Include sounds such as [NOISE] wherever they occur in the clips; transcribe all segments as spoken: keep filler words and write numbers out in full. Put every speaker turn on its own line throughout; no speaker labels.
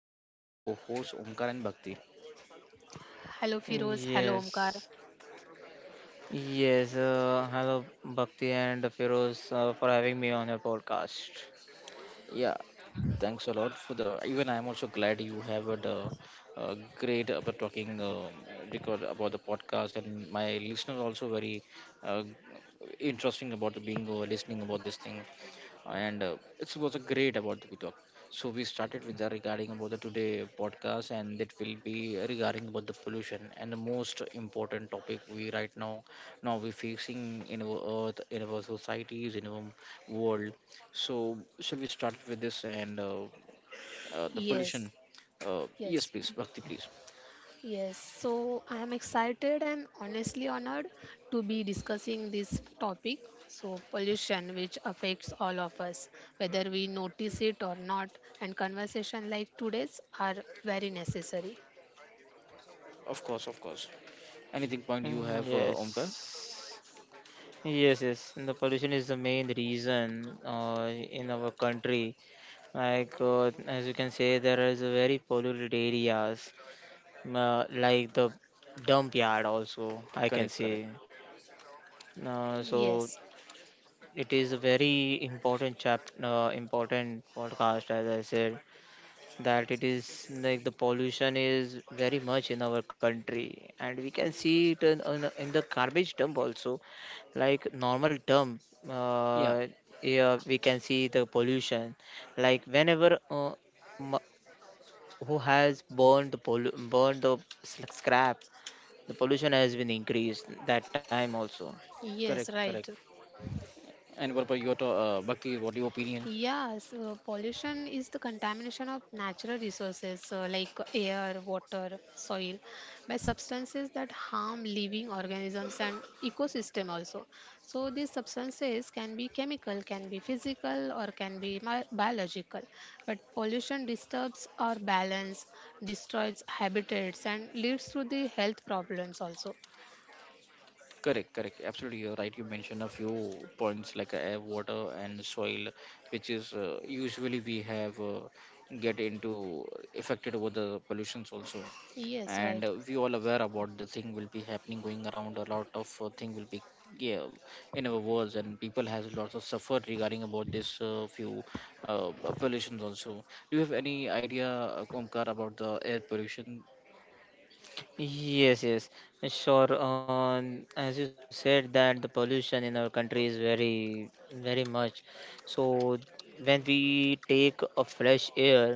uh, with my co-host Omkar and Bhakti.
Hello Firoz, hello Omkar.
Yes, yes. Uh, hello, Bhakti and Feroz, uh, for having me on your podcast.
Yeah, thanks a lot for the. Even I am also glad you have a, uh uh, great about talking uh, record about the podcast, and my listeners also very uh, interesting about the being uh, listening about this thing. And uh, it was a great about the talk. So we started with the regarding about the today podcast, and that will be regarding about the pollution and the most important topic we right now now we facing in our earth, in our societies, in our world. So shall we start with this and uh, uh, the
Yes,
pollution? Uh, yes,
yes,
please, Bhakti, please.
yes. So I am excited and honestly honored to be discussing this topic. So, pollution, which affects all of us, whether we notice it or not, and conversation like today's are very necessary.
Of course, of course. Anything point
Mm,
you have, uh, Omkar?
Yes, yes, yes. And the pollution is the main reason uh, in our country. Like uh, as you can say, there is a very polluted areas, uh, like the dump yard. Also, I can
Correct, correct.
say. Uh, so
Yes,
it is a very important chap, uh, important podcast, as I said that it is like the pollution is very much in our country and we can see it in, in, in the garbage dump also like normal dump
Yeah,
uh, yeah, we can see the pollution like whenever uh, m- who has burned the pollu- burned the s- scrap, the pollution has been increased that time also.
yes,
correct,
right.
correct. And what about your to- uh, Bhakti? What your opinion?
Yes, uh, pollution is the contamination of natural resources uh, like air, water, soil by substances that harm living organisms and ecosystem also. So these substances can be chemical, can be physical or can be mi- biological. But pollution disturbs our balance, destroys habitats and leads to the health problems also.
Correct, correct. Absolutely, you're right. You mentioned a few points like uh, air, water, and soil, which is uh, usually we have uh, get into affected over the pollutions also,
Yes,
and
right.
uh, we all aware about the thing will be happening going around. A lot of uh, thing will be, yeah, in our worlds, and people has lots of suffered regarding about this uh, few uh, pollutions also. Do you have any idea, uh, Omkar, about the air pollution?
Yes, yes, sure. Um, as you said that the pollution in our country is very, very much. So when we take a fresh air,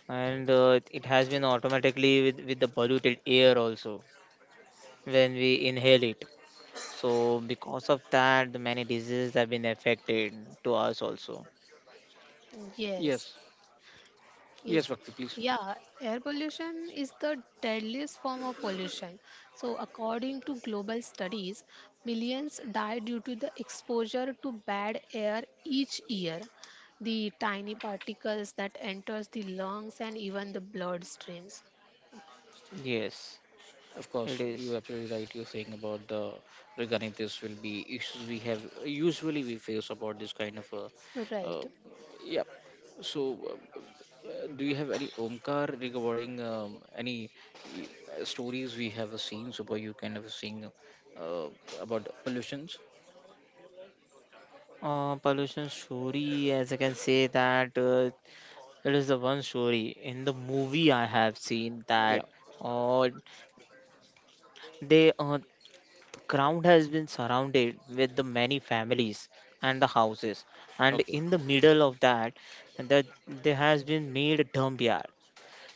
and uh, it has been automatically with with the polluted air also when we inhale it. So because of that, the many diseases have been affected to us also.
Yes.
Yes, yes,
Yes,
Bhakti, please.
yeah, air pollution is the deadliest form of pollution. So, according to global studies, millions die due to the exposure to bad air each year. The tiny particles that enters the lungs and even the bloodstreams.
Yes,
Of course,
it
you're
is.
absolutely right. You're saying about the regarding this will be issues we have usually we face about this kind of a,
Right.
uh, Yeah. So, uh, uh, do you have any Omkar regarding um, any y- uh, stories we have seen? So, you kind of seeing uh, about pollutions?
Uh, pollution story, as I can say that. Uh, It is the one story in the movie I have seen
Yeah.
that uh, they uh, the ground has been surrounded with the many families and the houses, and
Okay.
in the middle of that, that there has been made a dump yard,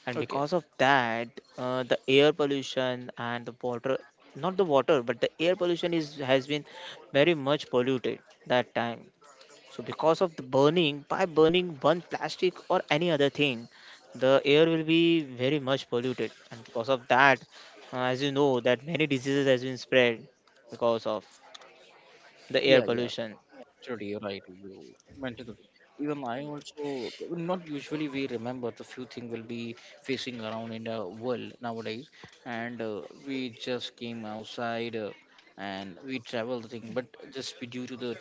and
Okay.
because of that, uh, the air pollution and the water, not the water, but the air pollution is has been very much polluted that time. So because of the burning, by burning one plastic or any other thing, the air will be very much polluted. And because of that, uh, as you know, that many diseases has been spread because of the air
Yeah. Yeah.
pollution.
Absolutely, you're right. You mentioned that. Even I also not usually we remember the few things will be facing around in the world nowadays, and uh, we just came outside uh, and we travel the thing, but just be due to the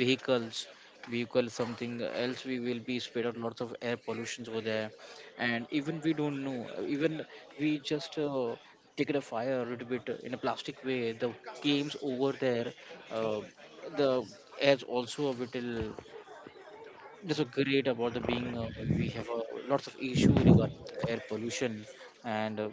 vehicles, vehicle something else, we will be spread out lots of air pollutions over there, and even we don't know. Even we just uh, take it a fire a little bit in a plastic way. The games over there. uh, the as also a little, that's a great about the being, uh, we have uh, lots of issue regarding the air pollution and uh,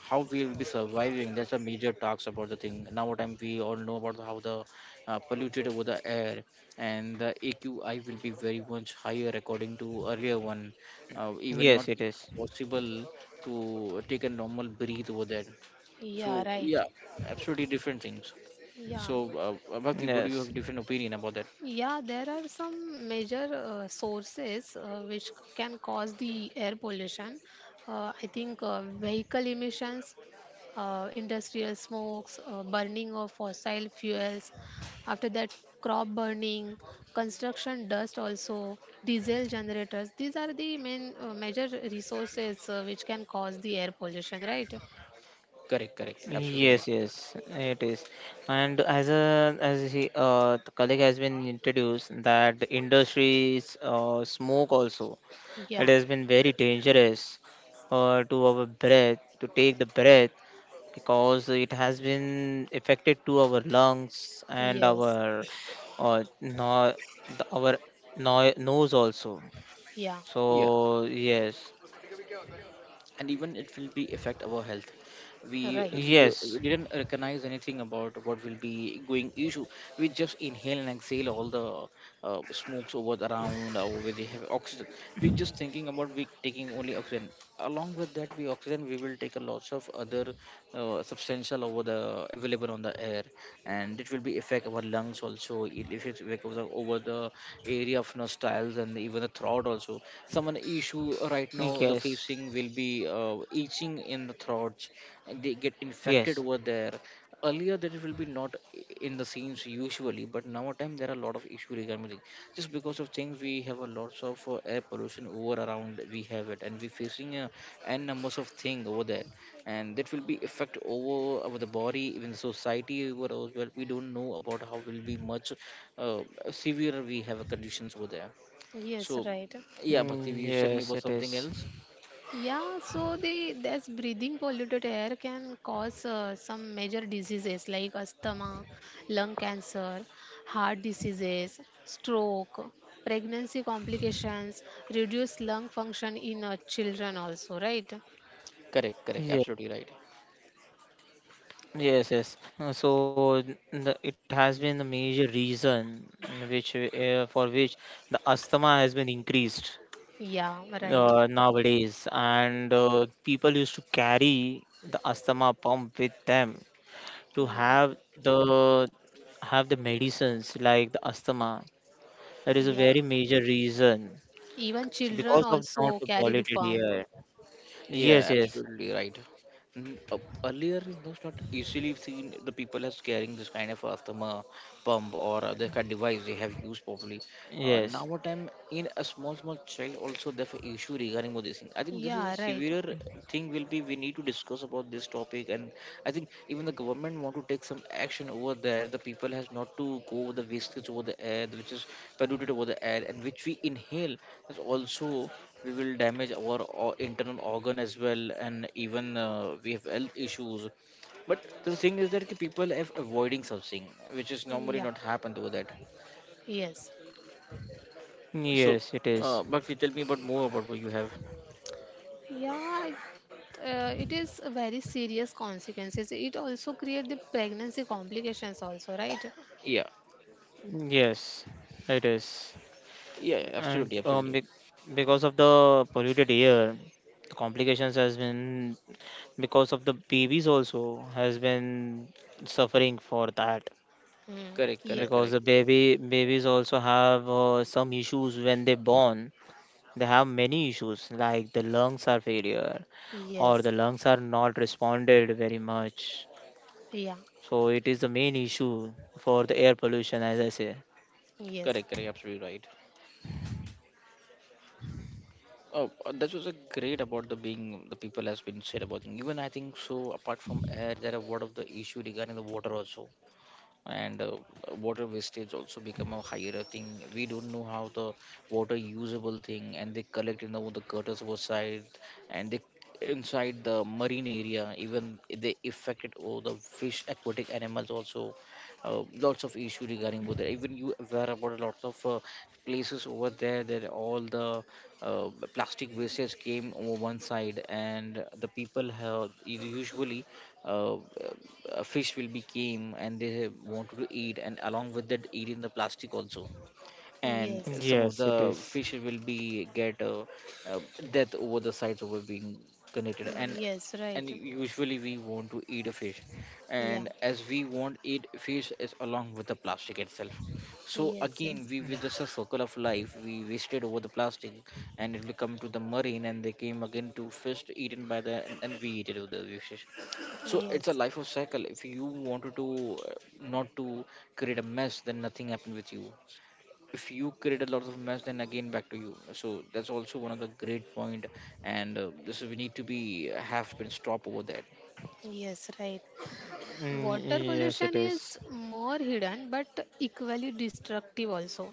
how we will be surviving, that's a major talks about the thing. Now what time we all know about how the uh, polluted over the air and the aqi will be very much higher according to earlier one, uh, even not
Yes, it is.
possible to take a normal breathe over there,
Yeah,
so
right.
yeah, absolutely different things.
Yeah.
So uh, Bhakti, what do you have
Yes,
different opinion about that?
Yeah, there are some major uh, sources uh, which c- can cause the air pollution. Uh, I think uh, vehicle emissions, uh, industrial smokes, uh, burning of fossil fuels, after that, crop burning, construction dust, also diesel generators. These are the main uh, major resources uh, which can cause the air pollution, right?
Correct, correct. Absolutely
yes,
right.
yes, it is. And as a as he, uh, the colleague has been introduced that the industries uh, smoke also. It
Yeah,
has been very dangerous uh, to our breath, to take the breath, because it has been affected to our lungs and our
yes,
uh, no, the- our no, nose also.
yeah,
Yeah.
So yes,
And even it will be affect our health. we
right.
d-
yes,
didn't recognize anything about what will be going issue. We just inhale and exhale all the uh, smokes over the around uh, where they have oxygen. We just thinking about we taking only oxygen. Along with that we oxygen, we will take a lots of other uh, substantial over the available on the air, and it will be affect our lungs also. It- if it's affect over the, over the area of nostrils and even the throat also, someone issue right now the
yes,
facing will be uh, itching in the throat and they get
yes.
infected over there. Earlier there will be not i- in the scenes usually, but now time there are a lot of issue regarding it. Just because of things we have a lots of uh, air pollution over around, we have it and we facing uh, n numbers of thing over there, and that will be effect over over the body, even the society over as well. We don't know about how will be much uh, severe we have uh, conditions over there. So
Yes, right.
yeah, Bhakti,
Mm,
you said me
yes
about
it
something
is
else.
Yeah, so the this breathing polluted air can cause uh, some major diseases like asthma, lung cancer, heart diseases, stroke, pregnancy complications, reduced lung function in uh, children also, right?
Correct, correct,
yes
absolutely right.
yes yes Uh, so the, it has been the major reason in which uh, for which the asthma has been increased
Yeah, right.
uh, nowadays and uh, people used to carry the asthma pump with them to
Yeah.
have the have the medicines like the asthma. That is a
Yeah.
very major reason.
Even
So
children
because of not
also
the
carry the
polluted
pump.
air. Yes,
Yeah,
yes,
absolutely right. N- uh, Earlier, it was not easily seen the people as carrying this kind of asthma pump or uh, the kind of device they have used properly. Uh, now,
yes,
what I'm in a small, small child also they have an issue regarding with this thing. I think this is a
Yeah, right.
severe thing. Will be we need to discuss about this topic, and I think even the government want to take some action over there. The people has not to go with the wastage over the air, which is polluted over the air, and which we inhale. That's also we will damage our o- internal organ as well, and even uh, we have health issues. But the thing is that ki people have avoiding something which is normally
Yeah.
not happen to that.
Yes.
yes,
So
it is.
uh, but you tell me about more about what you have.
Yeah, it, uh, it is a very serious consequences. It also create the pregnancy complications also, right?
Yeah,
Yes, it is.
yeah, yeah,
And
absolutely,
um,
absolutely.
be- because of the polluted air the complications has been because of the babies also has been suffering for that,
Hmm.
Correct,
Yes,
correct,
because the
correct,
baby babies also have uh, some issues when they born. They have many issues like the lungs are failure or
yes,
the lungs are not responded very much.
yeah,
So it is the main issue for the air pollution, as I say.
yes,
correct, correct, absolutely right. Oh, uh, that was a great about the being, the people has been said about thing. Even I think so, apart from air there are what of the issue regarding the water also. And uh, water wastage also become a higher thing. We don't know how the water usable thing and they collect in the, the gutters outside, and they inside the marine area even they affected all the fish aquatic animals also. Uh, lots of issue regarding water. Even you aware about a lot of uh, places over there that all the uh, plastic wastes came over one side, and the people have usually uh, uh, fish will be came and they have wanted to eat, and along with that eat in the plastic also. And
yes,
some of
Yes, it
the
is.
fish will be get uh, uh, death over the sides over being connected. and
yes, right.
and usually we want to eat a fish,
Yeah,
and as we won't eat fish is along with the plastic itself. So
yes,
again we were just a circle of life, we wasted over the plastic, and it will come to the marine and they came again to fish eaten by the, and, and we eat it with the fish.
yes,
So it's a
yes,
life of cycle. If you wanted to uh, not to create a mess, then nothing happened with you. If you create a lot of mess, then again back to you. So that's also one of the great point, and uh, this is, we need to be have been stop over that.
yes, right. Water
Mm, Yes, it
pollution
is.
is more hidden but equally destructive also.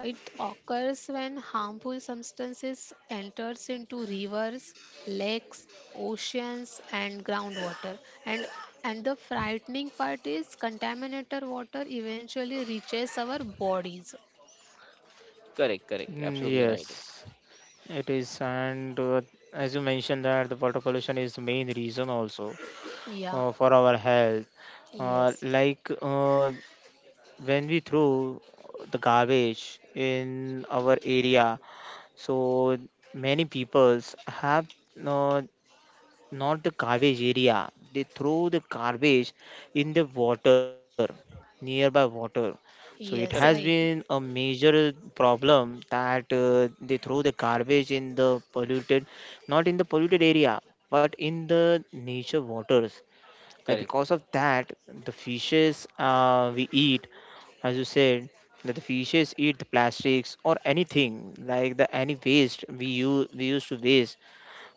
It occurs when harmful substances enters into rivers, lakes, oceans and groundwater. And and the frightening part is contaminated water eventually reaches our bodies.
Correct, correct,
Mm,
absolutely right.
Yes, it is. And uh, as you mentioned that the water pollution is the main reason also,
Yeah.
uh, for our health. Uh,
Yes.
like uh, when we throw the garbage in our area, so many peoples have uh, not the garbage area. They throw the garbage in the water, nearby water. So it has
Yes,
Correct.
right.
been a major problem that uh, they throw the garbage in the polluted, not in the polluted area, but in the nature waters. Like
Correct,
because of that, the fishes uh, we eat, as you said, that the fishes eat the plastics or anything like the any waste we use we used to waste.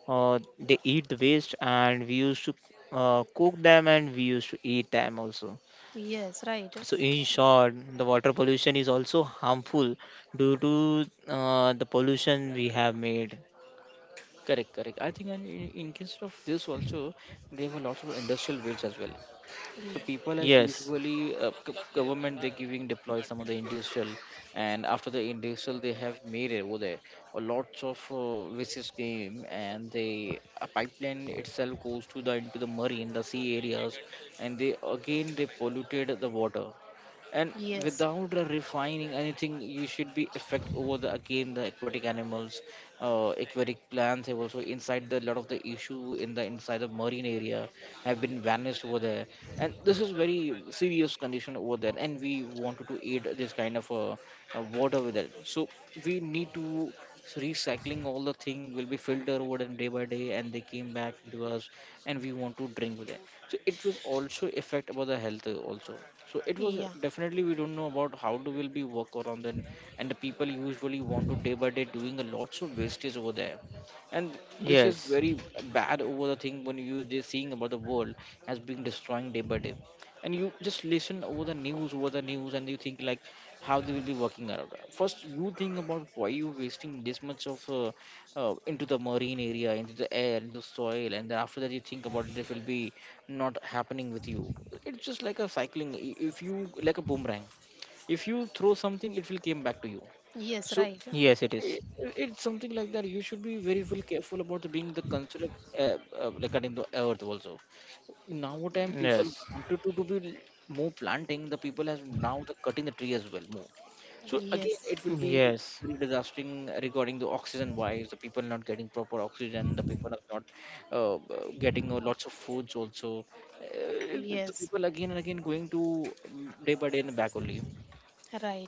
Uh, they eat the waste and we used to uh, cook them and we used to eat them also.
Yes, right.
So in short, the water pollution is also harmful due to uh, the pollution we have made.
correct, correct. I think in, in case of this also they have a lot of industrial waste as well. So
Ye-
people as
Yes,
usually uh, g- government they giving deploy some of the industrial, and after the industrial they have made it over there a lots of uh, visits game, and they a pipeline itself goes to the into the marine the sea areas, and they again they polluted the water, and
Yes.
without uh, refining anything you should be affect over the again the aquatic animals. Uh, aquatic plants have also inside the lot of the issue in the inside the marine area have been vanished over there, and this is very serious condition over there, and we wanted to aid this kind of uh, uh, water with it. So we need to recycling all the thing will be filtered over and day by day and they came back to us, and we want to drink with it. So it will also affect about the health uh, also. So it was uh,
Yeah.
definitely we don't know about how to will be work around then, and the people usually want to day by day doing a lots of wastage over there. And this is
yes,
very bad over the thing when you just seeing about the world as being destroying day by day, and you just listen over the news over the news and you think like how they will be working around. First you think about why you wasting this much of uh, uh, into the marine area, into the air, into the soil, and then after that you think about this will be not happening with you. It's just like a cycling. I- if you like a boomerang, if you throw something it will come back to you.
Yes,
So
right.
yes, it is.
I, it's something like that you should be very well careful about being the consider, uh, uh, like cutting the earth also. Now time people
Yes,
wanted to, to be more planting. The people has now the cutting the tree as well more. So again
Yes.
it will be
yes,
very disastering regarding the oxygen wise. The people not getting proper oxygen, the people are not uh, uh, getting uh, lots of foods also. uh, the
Yes.
people again and again going to um, day by day in the back only.
Right.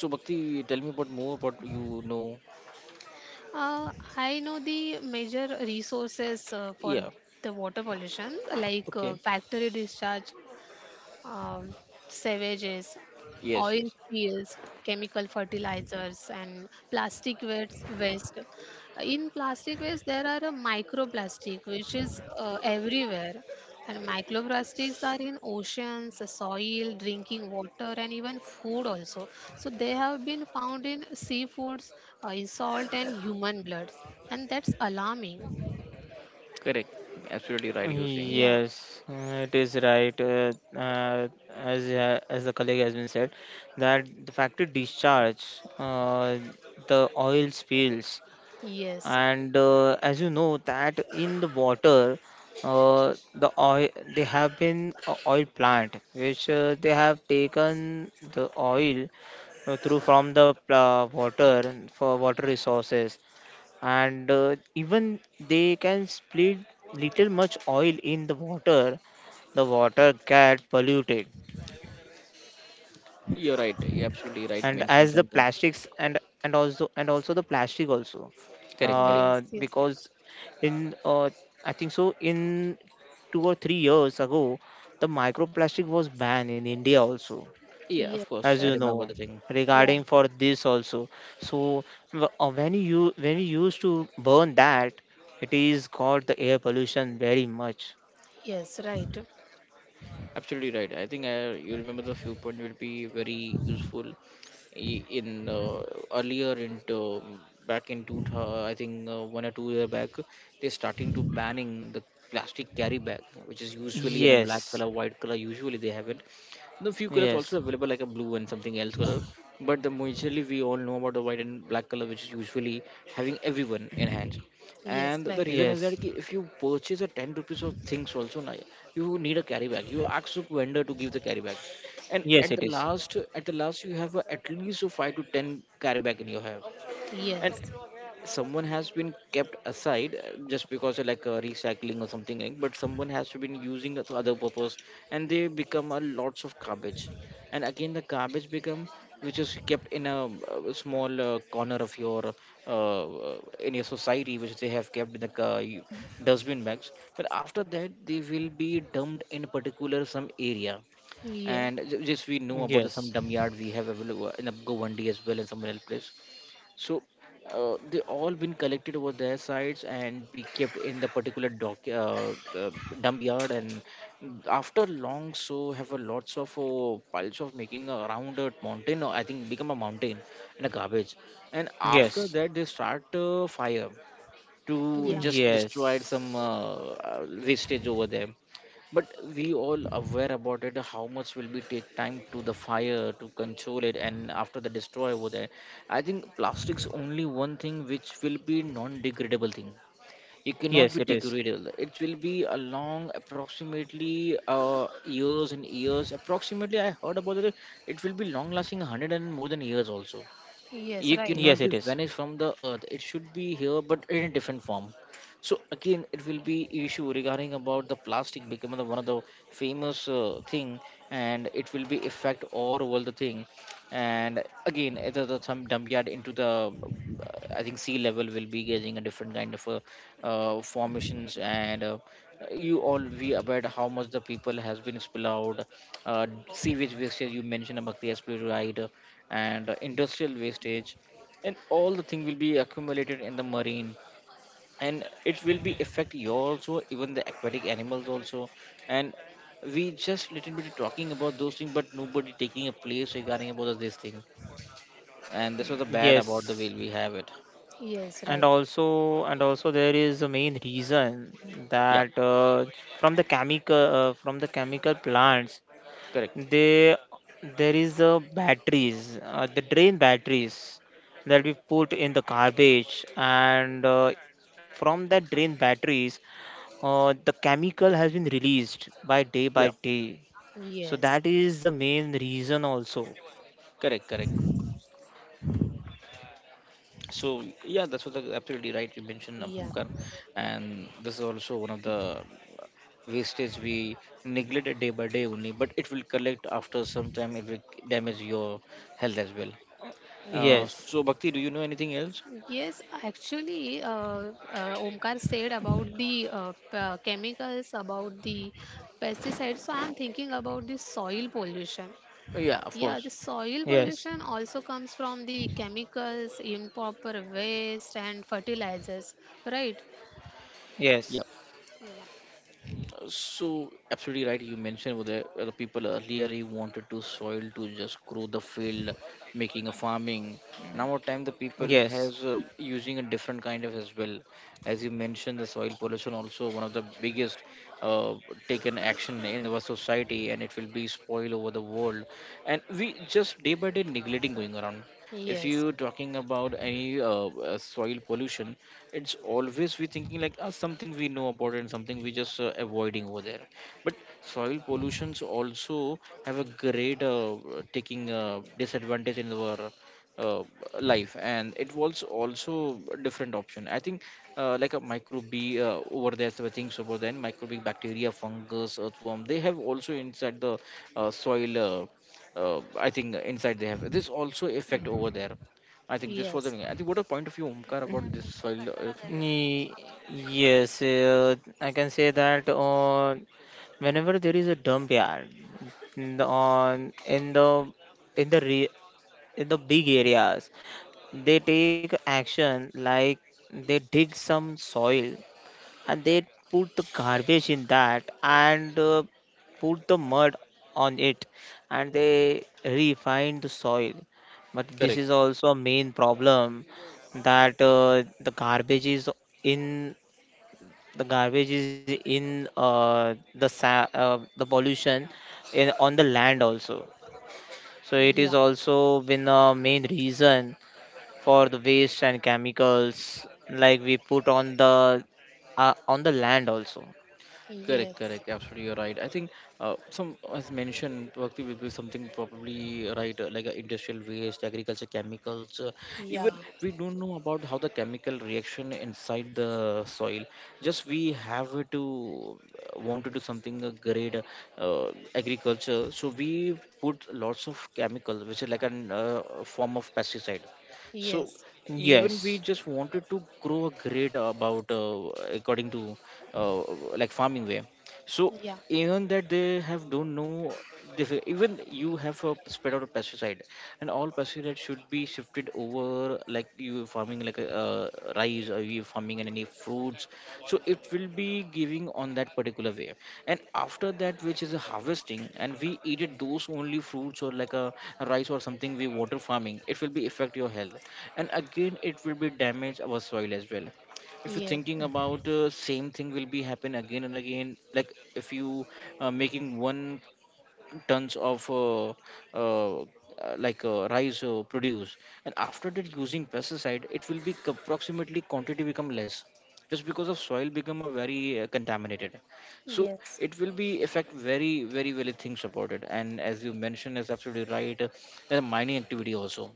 So Bhakti, tell me about more about you know.
Uh, I know the major resources uh, for
Yeah.
the water pollution, like uh,
Okay.
factory discharge, um, savages,
Yes,
oil
yes.
spills, chemical fertilizers, and plastic waste. waste. In plastic waste, there are a microplastic which is uh, everywhere, and microplastics are in oceans, soil, drinking water, and even food also. So they have been found in seafoods, uh, in salt, and human bloods, and that's alarming.
Correct, absolutely right, you're saying.
Yeah.
yes, uh, it is right. Uh, uh, as uh, as the colleague has been said, that the factory discharge, uh, the oil spills,
Yes.
and uh, as you know that in the water, uh, the oil, they have been a oil plant which uh, they have taken the oil uh, through from the pl- uh, water for water resources, and uh, even they can split little much oil in the water, the water get polluted.
You're right, you're
And
absolutely
as the
right, mention
plastics
something.
and and also and also the plastic also,
Correct,
uh,
correct.
Yes. Yes.
because in uh, I think so in two or three years ago the microplastic was banned in India also,
Yeah, of
Yes.
course.
as
I
Right.
you know,
remember the thing.
Yeah.
regarding for this also. So w- uh, when you when you used to burn that, it is got the air pollution very much.
Yes, right.
Absolutely right. I think uh, you remember the viewpoint will be very useful i- in uh, earlier into back in two thousand, I think uh, one or two year back they're starting to banning the plastic carry bag, which is usually in a black
Yes,
color white color usually they have it. The few colors
yes,
also available like a blue and something else color, but the majorly we all know about the white and black color which is usually having everyone in hands.
Yes,
And the
right.
reason is that
yes,
ki if you purchase a ten rupees of things also na, you need a carry bag, you ask the vendor to give the carry bag, and
yes,
at
it
the
is.
last at the last you have a, at least a five to ten carry bag in your hand. And
Yes.
someone has been kept aside uh, just because of like uh, recycling or something like, but someone has been using it to other purpose and they become a lots of garbage. And again the garbage become, which is kept in a, uh small uh, corner of your uh, uh, in your society, which they have kept in the uh, you- dustbin bags, but after that they will be dumped in a particular some area.
Yeah.
And ju- just we know about the
Yes,
some dump yard we have available in a go as well in some other place. So uh, they all been collected over their sites and be kept in the particular dock uh, uh, dump yard. And after long, so have a lots of uh, piles of making around a mountain. Or I think become a mountain in a garbage. And
yes,
after that, they start uh, fire to
Yeah.
just destroy some
yes,
uh, uh, wastage over there. But we all aware about it how much will be take time to the fire to control it, and after the destroy over there, I think plastics only one thing which will be non-degradable thing. It cannot
yes,
be
it is.
degradable, it will be a long approximately uh, years and years, approximately I heard about it. It will be long lasting a hundred and more than years also.
Yes,
It
Yes, it
right.
cannot
is.
be vanished from the earth, it should be here but in a different form. So again it will be issue regarding about the plastic becoming the one of the famous uh, thing, and it will be affect all over the thing. And again it is a some dump yard into the uh, I think sea level will be getting a different kind of uh, uh, formations and uh, you all we about how much the people has been spill out uh, sewage wastage you mentioned about the right, and uh, industrial wastage. And all the thing will be accumulated in the marine, and it will be affect you also even the aquatic animals also. And we just little bit talking about those things, but nobody taking a place regarding about this thing, and this was the bad about the way
Yes.
we have it.
Yes,
And
right.
also, and also there is a main reason
Yeah,
that uh, from the chemical uh, from the chemical plants
correct.
they there is a batteries, uh, the drain batteries that we put in the garbage and uh, from that drain batteries uh, the chemical has been released by day by
Yeah,
day. So
Yes.
that is the main reason also.
correct, correct. So yeah, that's what the, absolutely right you mentioned uh,
Yeah.
Omkar. And this is also one of the uh, wastage we neglect it day by day only, but it will collect after some time, it will damage your health as well. uh,
Yes.
Yes,
so bhakti, do you know anything else?
Yes, actually, uh, uh, Omkar said about the uh, p- uh, chemicals, about the pesticides. So I'm thinking about the soil pollution.
Yeah, of
Yeah, the
course.
soil
yes,
pollution also comes from the chemicals, improper waste, and fertilizers, right?
Yeah.
yes,
Uh, So absolutely right. You mentioned with the, uh, the people earlier he wanted to soil to just grow the field, making a farming. Now our time the people
yes.
has uh, using a different kind of as well. As you mentioned, the soil pollution also one of the biggest uh, taken action in our society, and it will be spoil over the world. And we just day by day neglecting going around. If
Yes,
you talking about any uh, uh, soil pollution, it's always we thinking like ah, something we know about and something we just uh, avoiding over there, but soil pollutions also have a great uh, taking uh, disadvantage in our uh, life, and it was also a different option I think uh, like a microbe uh, over there, so things over then microbial bacteria fungus earthworm they have also inside the uh, soil uh, uh, I think inside they have this also effect over there. I think this was the
yes,
thing. I think what a point of view, Omkar, about this soil. Uh,
Ye- Yes, uh, I can say that on whenever there is a dump yard n- on in the in the re, in the big areas, they take action like they dig some soil and they put the garbage in that and uh, put the mud on it and they refine the soil. But this
correct,
is also a main problem that uh, the garbage is in the garbage is in uh, the sa- uh, the pollution in on the land also. So it is
yeah.
also been a main reason for the waste and chemicals like we put on the uh, on the land also.
correct,
Yes.
correct. Absolutely, you're right. I think uh, some, as mentioned, Bhakti will be something probably right, uh, like uh, industrial waste, agriculture chemicals. Uh, even
Yeah.
we don't know about how the chemical reaction inside the soil. Just we have to uh, want to do something uh, great, uh, uh, agriculture. So we put lots of chemical, which is like a uh, form of pesticide. So
Yes.
even we
Yes.
just wanted to grow a grade about uh, according to uh, like farming way. So
Yeah.
even that they have don't know, this even you have a spread out a pesticide, and all pesticide should be shifted over like you farming like uh, rice or you farming and any fruits, so it will be giving on that particular way. And after that, which is a harvesting, and we eat it those only fruits or like a rice or something we water farming, it will be affect your health. And again it will be damage our soil as well. If you're
Yes.
thinking about uh, same thing will be happen again and again, like if you uh, making one tons of uh, uh, uh, like uh, rice uh, produce, and after that using pesticide, it will be c- approximately quantity become less, just because of soil become a very uh, contaminated. So
Yes.
it will be affect very very very things about it. And as you mentioned is absolutely right, uh, the mining activity also.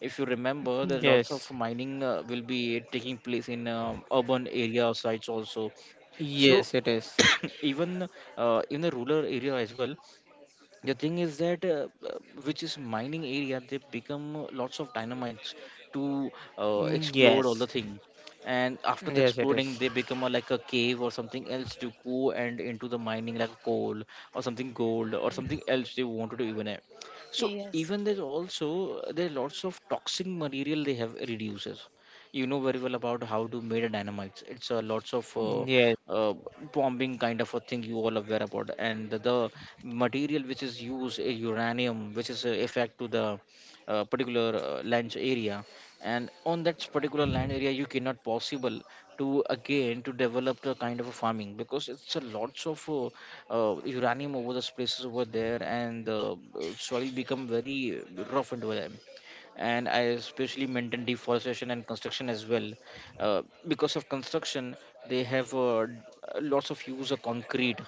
If you remember there are lots of
Yes.
mining uh, will be taking place in um urban area sites also. So
Yes, it is.
[COUGHS] even uh, in the rural area as well, the thing is that uh, uh, which is mining area, they become lots of dynamites to uh, explode all
Yes.
the thing. And after the
Yes, it
exploding
is.
they become a, like a cave or something else to go and into the mining like coal or something gold or something else they wanted to do even have. So
Yes.
even there's also there are lots of toxic material they have reduces. You know very well about how to make a dynamite, it's a lots of uh,
Yes.
uh, bombing kind of a thing you all aware about. And the, the material which is used is uranium, which is uh, effect to the uh, particular uh, land area. And on that particular land area you cannot possible to again to develop the kind of a farming, because it's a lots of uh, uh, uranium over those places over there. And the uh, soil become very rough and over. And I especially maintain deforestation and construction as well. Uh, because of construction, they have uh, d- lots of use of concrete,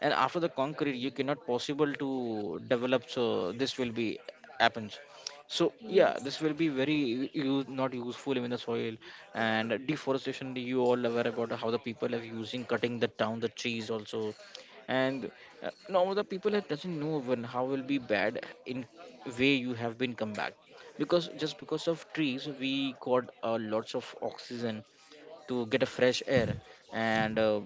and after the concrete, you cannot possible to develop. So this will be happens. So yeah,
Yes.
this will be very use, not useful in the soil and deforestation. You all aware about how the people are using cutting the down the trees also, and uh, now the people that doesn't know even how will be bad in way you have been come back, because just because of trees we got uh, lots of oxygen to get a fresh air. And uh,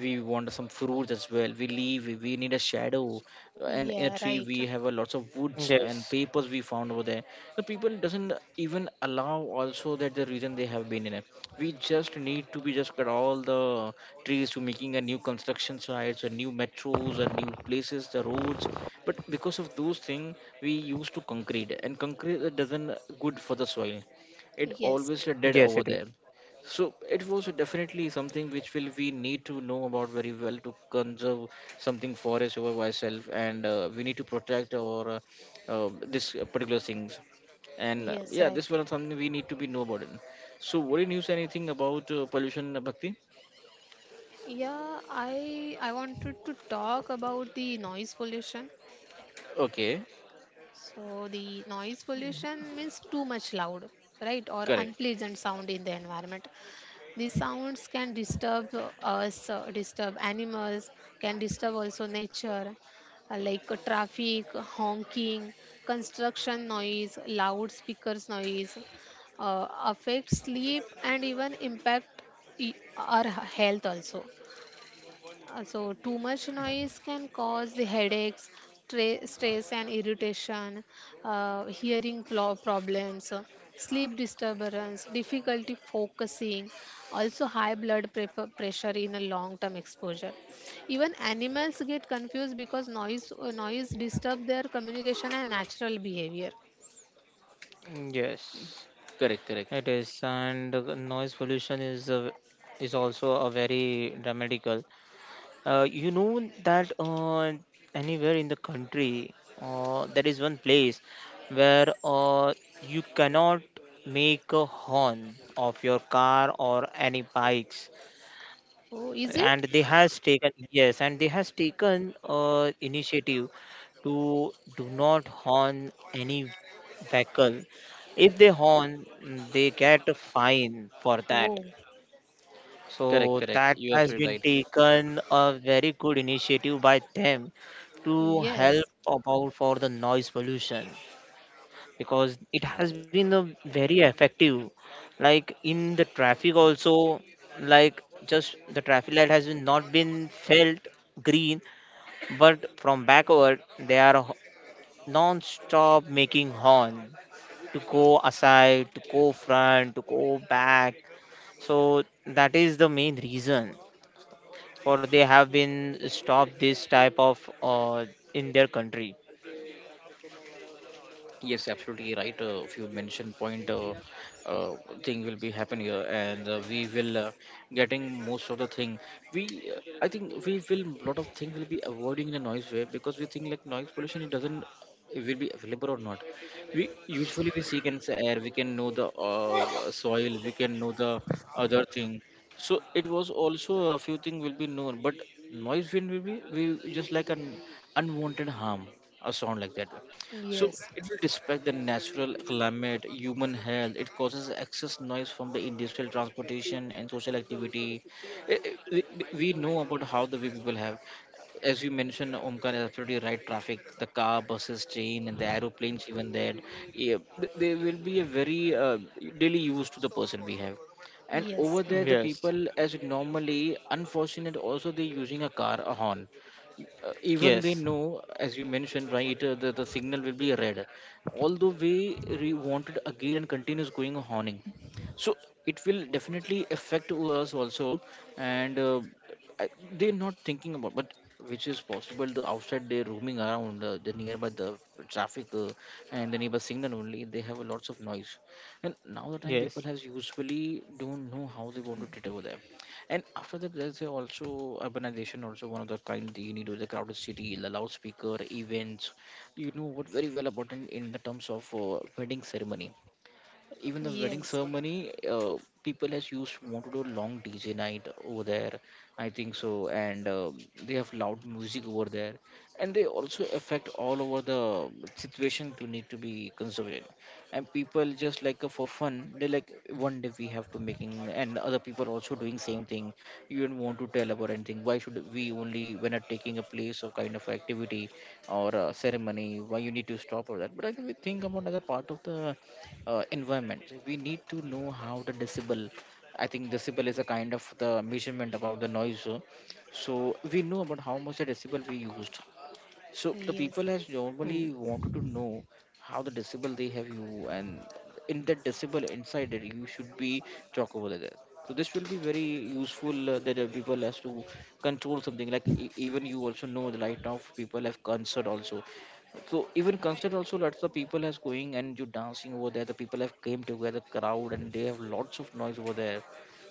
we want some fruits as well, we leave we we need a shadow, and in a
Yeah,
tree
right.
we have a lots of woods and
Yes.
papers we found over there. The people doesn't even allow also that the reason they have been in it, we just need to be just cut all the trees to making a new construction sites or new metros or new places the roads. But because of those things we used to concrete, and concrete uh, doesn't good for the soil, it
Yes.
always uh, dead
Yes, it
over
is.
there. So it was definitely something which will we need to know about very well, to conserve something for us over ourselves, and uh, we need to protect our uh, uh, this particular things. And uh,
Yes,
yeah, this
right.
one is something we need to be know about it. So, what did you say anything about uh, pollution, Bhakti?
Yeah, I I wanted to talk about the noise pollution.
Okay,
So the noise pollution means too much loud, right? Or
correct,
unpleasant sound in the environment. These sounds can disturb uh, us, uh, disturb animals, can disturb also nature, uh, like uh, traffic, honking, construction noise, loudspeakers noise, uh, affect sleep and even impact i- our health also. Uh, so too much noise can cause the headaches, stre- stress and irritation, uh, hearing plo- problems, uh, sleep disturbance, difficulty focusing, also high blood prep- pressure in a long term exposure. Even animals get confused because noise uh, noise disturb their communication and natural behavior.
Yes,
correct, correct,
it is. And the noise pollution is a, is also a very dramatical. Uh, you know that uh, anywhere in the country, uh, there is one place where uh, you cannot make a horn of your car or any bikes,
Oh, is
and
it?
they has taken, yes, and they has taken uh, initiative to do not horn any vehicle. If they horn, mm, they get a fine for that.
Oh,
correct,
So
correct.
that
You
has
absolutely
been
right.
taken a very good initiative by them to help
yes,
about for the noise pollution, because it has been a very effective, like in the traffic also. Like just the traffic light has been not been felt green, but from backward they are ho- non-stop making horn to go aside, to go front, to go back. So that is the main reason for they have been stopped this type of uh, in their country.
Yes, absolutely right. Uh, if you mentioned point uh, uh, thing will be happen here, and uh, we will uh, getting most of the thing. We, uh, I think, we will lot of thing will be avoiding in a noise way, because we think like noise pollution it doesn't, it will be available or not. We usually we seek in the air, we can know the uh, soil, we can know the other thing. So it was also a few thing will be known, but noise will be we just like an unwanted harm, a sound like that, so
yes,
it will respect the natural climate, human health. It causes excess noise from the industrial transportation and social activity. Eh, eh, We we know about how the we people have. As you mentioned, Omkar is absolutely right. Traffic, the car, buses, train, and the aeroplanes, even there, yeah, th- they will be a very uh, daily use to the person we have. And over
yes,
there, the
Yes,
people, as normally, unfortunate, also they're using a car, a horn, uh, even they
yes,
know, as you mentioned right, uh, the, the signal will be red, although we re- wanted again and continues going honing. So it will definitely affect to us also. And uh, I- they're not thinking about, but which is possible the outside they're roaming around, uh, the nearby the traffic, uh, and the neighbor signal only they have a lots of noise. And now the time people
yes.
has usually don't know how they want to treat over them. And after that, there's a also urbanization, also one of the kind you need with the crowded city, the loudspeaker, events. You know what very well about in, in the terms of, uh, wedding ceremony. Even the wedding
yes,
ceremony, uh, people has used want to do a long D J night over there, I think so. And uh, they have loud music over there, and they also affect all over the situation to need to be conservative. And people just like, uh, for fun they like one day we have to making, and other people also doing same thing. You don't want to tell about anything. Why should we only when are taking a place or kind of activity, or uh ceremony, why you need to stop all that? But I think we think about as a part of the uh, environment. We need to know how the decibel. I think decibel is a kind of the measurement about the noise, uh, so we know about how much the decibel we used. So the
yes.
people has normally wanted to know how the decibel they have you, and in that decibel inside that you should be talk over there. So this will be very useful, uh, that, uh, people has to control something like, e- even you also know the light. Now people have concert also. So even concert also lots of people has going and you dancing over there. The people have came together crowd and they have lots of noise over there.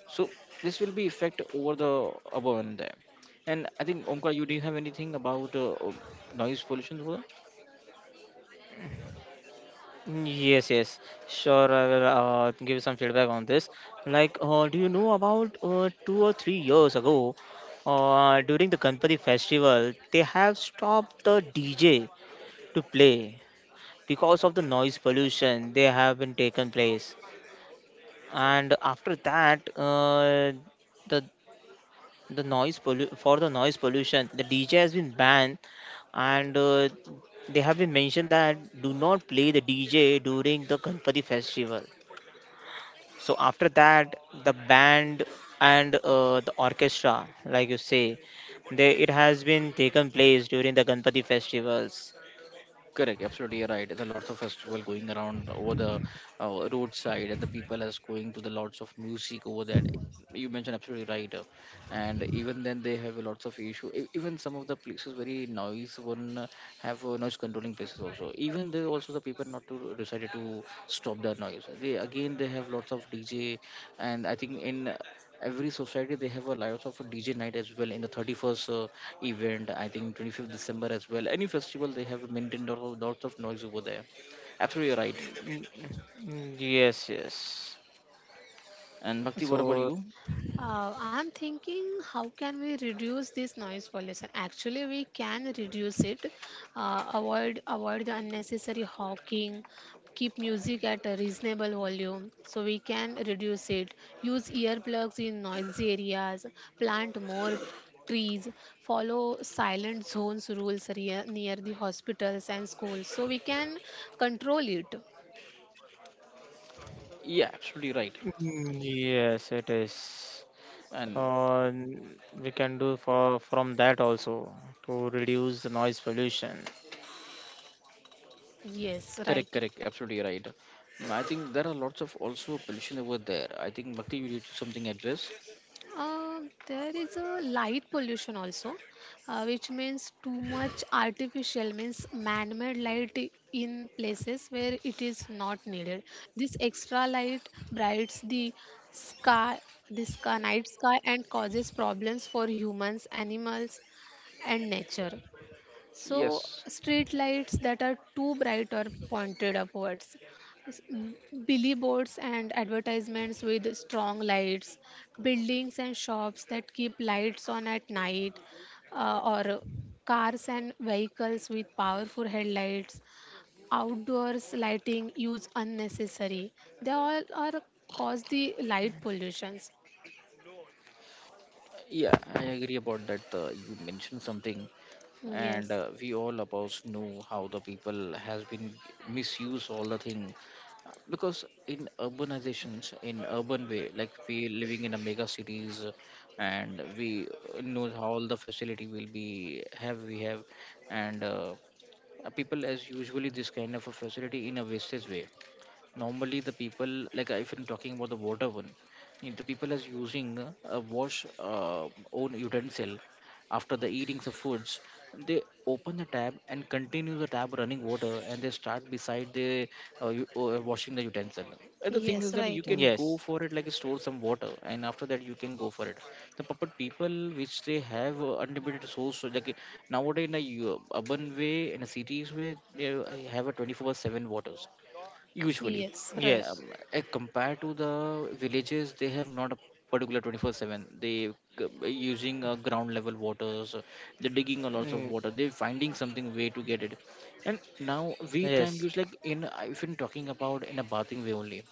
So this will be effect over the above and there. And I think Omkar, you do you have anything about uh, uh, noise pollution? Over?
Mm, Yes, yes, sure. I will uh, give some feedback on this. Like, uh, do you know about uh, two or three years ago, uh, during the Ganpati festival, they have stopped the D J to play because of the noise pollution they have been taken place. And after that, uh, the the noise pollu- for the noise pollution the DJ has been banned, and uh, they have been mentioned that do not play the DJ during the Ganpati festival. So after that the band, and uh, the orchestra like you say, they it has been taken place during the Ganpati festivals.
Correct, absolutely right. There are lots of festival going around over the, uh, roadside, and the people is going to the lots of music over that. You mentioned absolutely right, uh, and even then they have lots of issue. E- Even some of the places very noise one, uh, have uh, noise controlling places also. Even there also the people not to decided to stop the noise. They again they have lots of D J, and I think in uh, every society they have a lot of D J night as well in the thirty-first. Uh, event, I think twenty-fifth December as well. Any festival, they have maintained lot of, lots of noise over there. Absolutely right.
Mm, mm, yes, yes.
And Bhakti, what about
So
you?
Uh, I'm thinking, how can we reduce this noise pollution? Actually, we can reduce it. Uh, avoid avoid the unnecessary honking. Keep music at a reasonable volume so we can reduce it. Use earplugs in noisy areas. Plant more trees. Follow silent zones rules rea- near the hospitals and schools so we can control it.
Yeah, absolutely right.
mm, yes, it is.
And
Uh, we can do for from that also to reduce the noise pollution.
Yes,
correct,
right.
correct, absolutely right. Mm, I think there are lots of also pollution over there. I think Bhakti, you need to something address.
Um, there is a light pollution also, uh, which means too much artificial, means man-made light i- in places where it is not needed. This extra light brights the sky, the sky, night sky, and causes problems for humans, animals, and nature. So,
Yes.
street lights that are too bright or pointed upwards, s- m- billboards and advertisements with strong lights, buildings and shops that keep lights on at night, uh, or cars and vehicles with powerful headlights, outdoors lighting used unnecessary. They all are cause the light pollutions.
Yeah, I agree about that. Uh, you mentioned something, and
Yes,
uh, we all of us know how the people has been misuse all the thing. Uh, because in urbanizations in urban way, like we living in a mega cities, uh, and we uh, know how all the facility will be have we have. And uh, uh, people as usually this kind of a facility in a wastage way. Normally the people like, uh, if I'm talking about the water one. If the people is using, uh, a wash, uh, own utensil, after the eating the foods, they open the tap and continue the tap running water, and they start beside the, uh, u- uh, washing the utensil. And the thing is
yes,
that you
right.
can go
Yes,
for it, like store some water and after that you can go for it. The puppet people which they have, uh, unlimited source. So like nowadays, in a u- urban way, in a cities way, they have a twenty-four seven waters usually.
Yes,
yes,
right,
Um, eh, compared to the villages they have not a particular twenty-four seven. They c- using, uh, ground level waters, uh, they're digging a lot
mm,
of water, they're finding something way to get it. And now we
yes,
time use like in, uh, if I'm talking about in a bathing way only.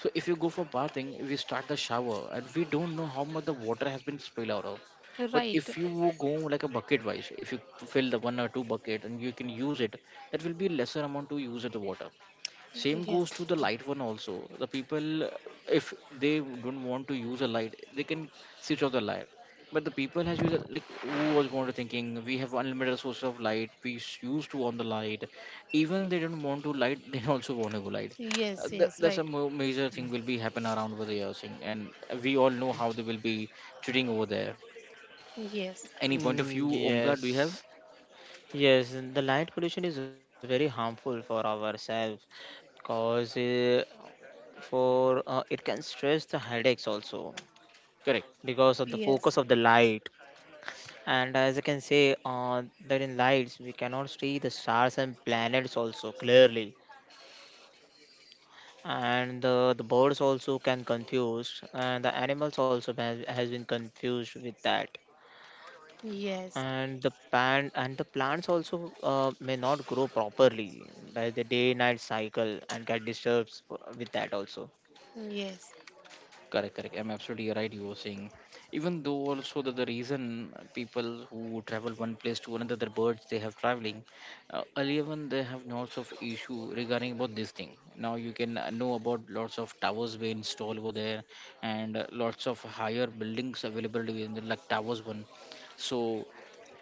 So if you go for bathing we start the shower, and we don't know how much the water has been spilled out of. But
right.
if you go like a bucket wise, if you fill the one or two bucket and you can use it, that will be lesser amount to use of the water. Same goes
Yes.
to the light one also. The people, uh, if they don't want to use a light, they can switch off the light. But the people has used it, like who was going to thinking we have unlimited source of light, we s- used to on the light. Even they don't want to light they [LAUGHS] also want to go light. uh,
Yes,
that,
yes,
that's a
right.
mo- major thing will be happen around over there thing, and we all know how they will be treating over there.
Yes,
Any point of
mm,
view, Omkar, do you have?
yes, yes. The light pollution is very harmful for ourselves because uh, for uh, it can stress the headaches also
Correct.
because of the
yes,
focus of the light. And as I can say, uh, that in lights we cannot see the stars and planets also clearly, and the, the birds also can confused, and the animals also has, has been confused with that,
yes,
and the plant and the plants also uh, may not grow properly by the day night cycle and get disturbed with that also.
yes,
Correct, correct. I'm absolutely right. You were saying, even though also that the reason people who travel one place to another, the birds they have traveling, uh, earlier when they have lots of issue regarding about this thing. Now you can, uh, know about lots of towers were installed over there, and uh, lots of higher buildings available within the like towers one. So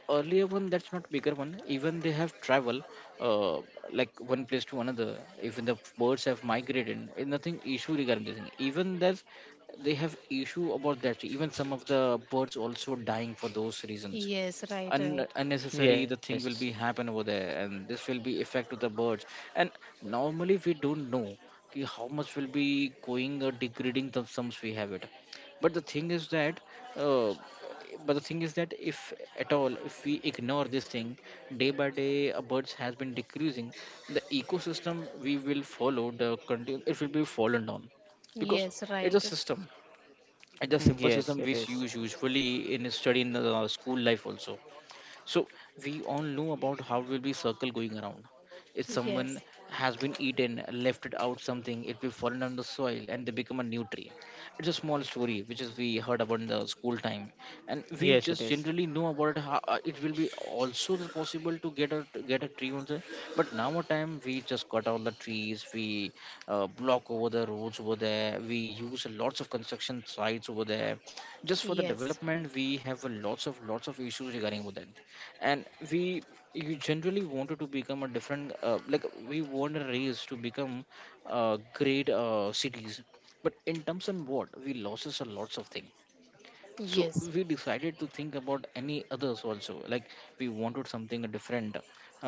earlier one that's not bigger one, even they have travel, uh, like one place to another. Even the birds have migrated and nothing issue regarding this thing, even that they have issue about that. Even some of the birds also dying for those reasons.
yes, right,
un-
right.
unnecessary the
Yes,
thing will be happen over there, and this will be effect to the birds. And normally we don't know ki how much will be going or degrading the sums we have it. But the thing is that, uh, but the thing is that if at all, if we ignore this thing, day by day, uh, birds has been decreasing. The ecosystem we will follow the continue it will be fallen down. Because
Yes,
it's a
right.
system. It's a simple system
yes, it
which you
is.
usually in study in the school life also. So we all know about how will be circle going around. If someone
Yes,
has been eaten, left it out something, it will fallen on the soil and they become a new tree. It's a small story which is we heard about in the school time, and we
Yes,
just
it is.
generally know about it. How, uh, it will be also the possible to get a to get a tree on the. But now a time we just cut all the trees, we uh, block over the roads over there, we use lots of construction sites over there, just for the
yes,
development we have a lots of lots of issues regarding with that. And we you generally wanted to become a different, uh, like we want a race to become uh, great uh, cities, but in terms of what we losses a lots of things. So
yes,
we
yes,
decided to think about any others also, like we wanted something different,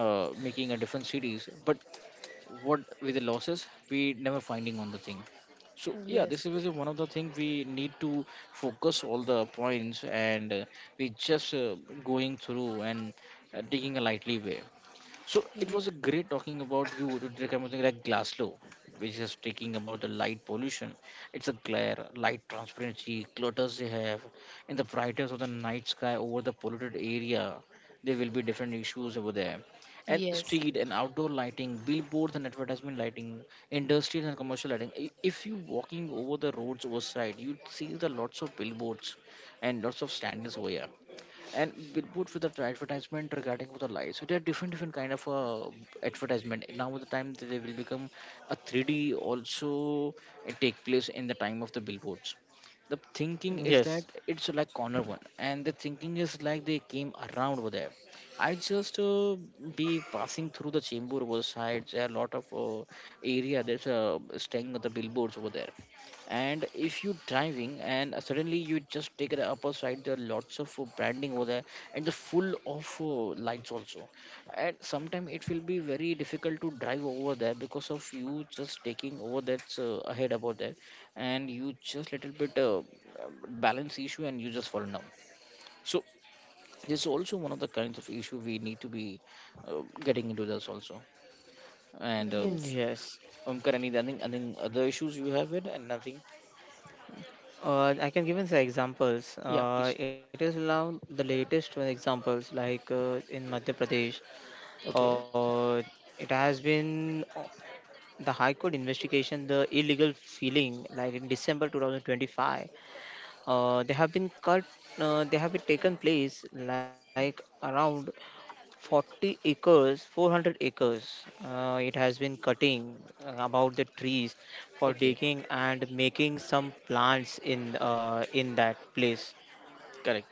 uh, making a different cities, but what with the losses we never finding on the thing. So yeah, this
yes,
is really one of the thing we need to focus all the points, and uh, we just uh, going through, and uh, taking a lightly way. So it was a great talking about you to take something like Glasslow, which is talking about the light pollution. It's a glare, light transparency, clutters they have, and the brightness of the night sky over the polluted area. There will be different issues over there. And
yes,
street and outdoor lighting, billboards and advertisement lighting, industrial and commercial lighting. I- If you walking over the roads overside, you see the lots of billboards and lots of standards over here, and billboards with the advertisement regarding with the light. So there are different different kind of uh, advertisement. Now with the time, they they will become a three d also, uh, take place in the time of the billboards. The thinking is that
Yes.
it's like corner one, and the thinking is like they came around over there. I just uh, be passing through the chamber over the sides. There are a lot of uh, area that's uh, staying with the billboards over there. And if you're driving and suddenly you just take the upper side, there are lots of uh, branding over there and the full of uh, lights also. And sometimes it will be very difficult to drive over there because of you just taking over that's uh, ahead about there, and you just little bit uh, balance issue and you just fall down. So this is also one of the kinds of issue we need to be uh, getting into this also. And uh,
yes,
Yes.
um, currently, I think, other issues you have it and nothing.
Uh, I can give you some examples.
Yeah, please.
Uh, it is now the latest one examples, like uh, in Madhya Pradesh.
Okay.
Uh, it has been. O- the High Court investigation, the illegal feeling, like in December twenty twenty-five, uh, they have been cut. Uh, they have been taken place like around forty acres, four hundred acres. Uh, it has been cutting uh, about the trees for
Okay.
digging and making some plants in uh, in that place.
Correct.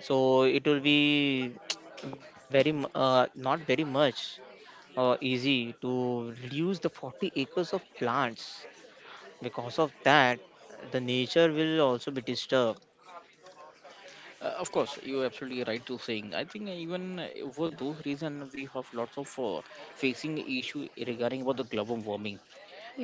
So it will be [TSK] very mu- uh, not very much uh, easy to reduce the forty acres of plants. Because of that, the nature will also be disturbed.
Uh, of course, you're absolutely right to saying. I think uh, even uh, for those reason, we have lots of uh, facing issue regarding about the global warming,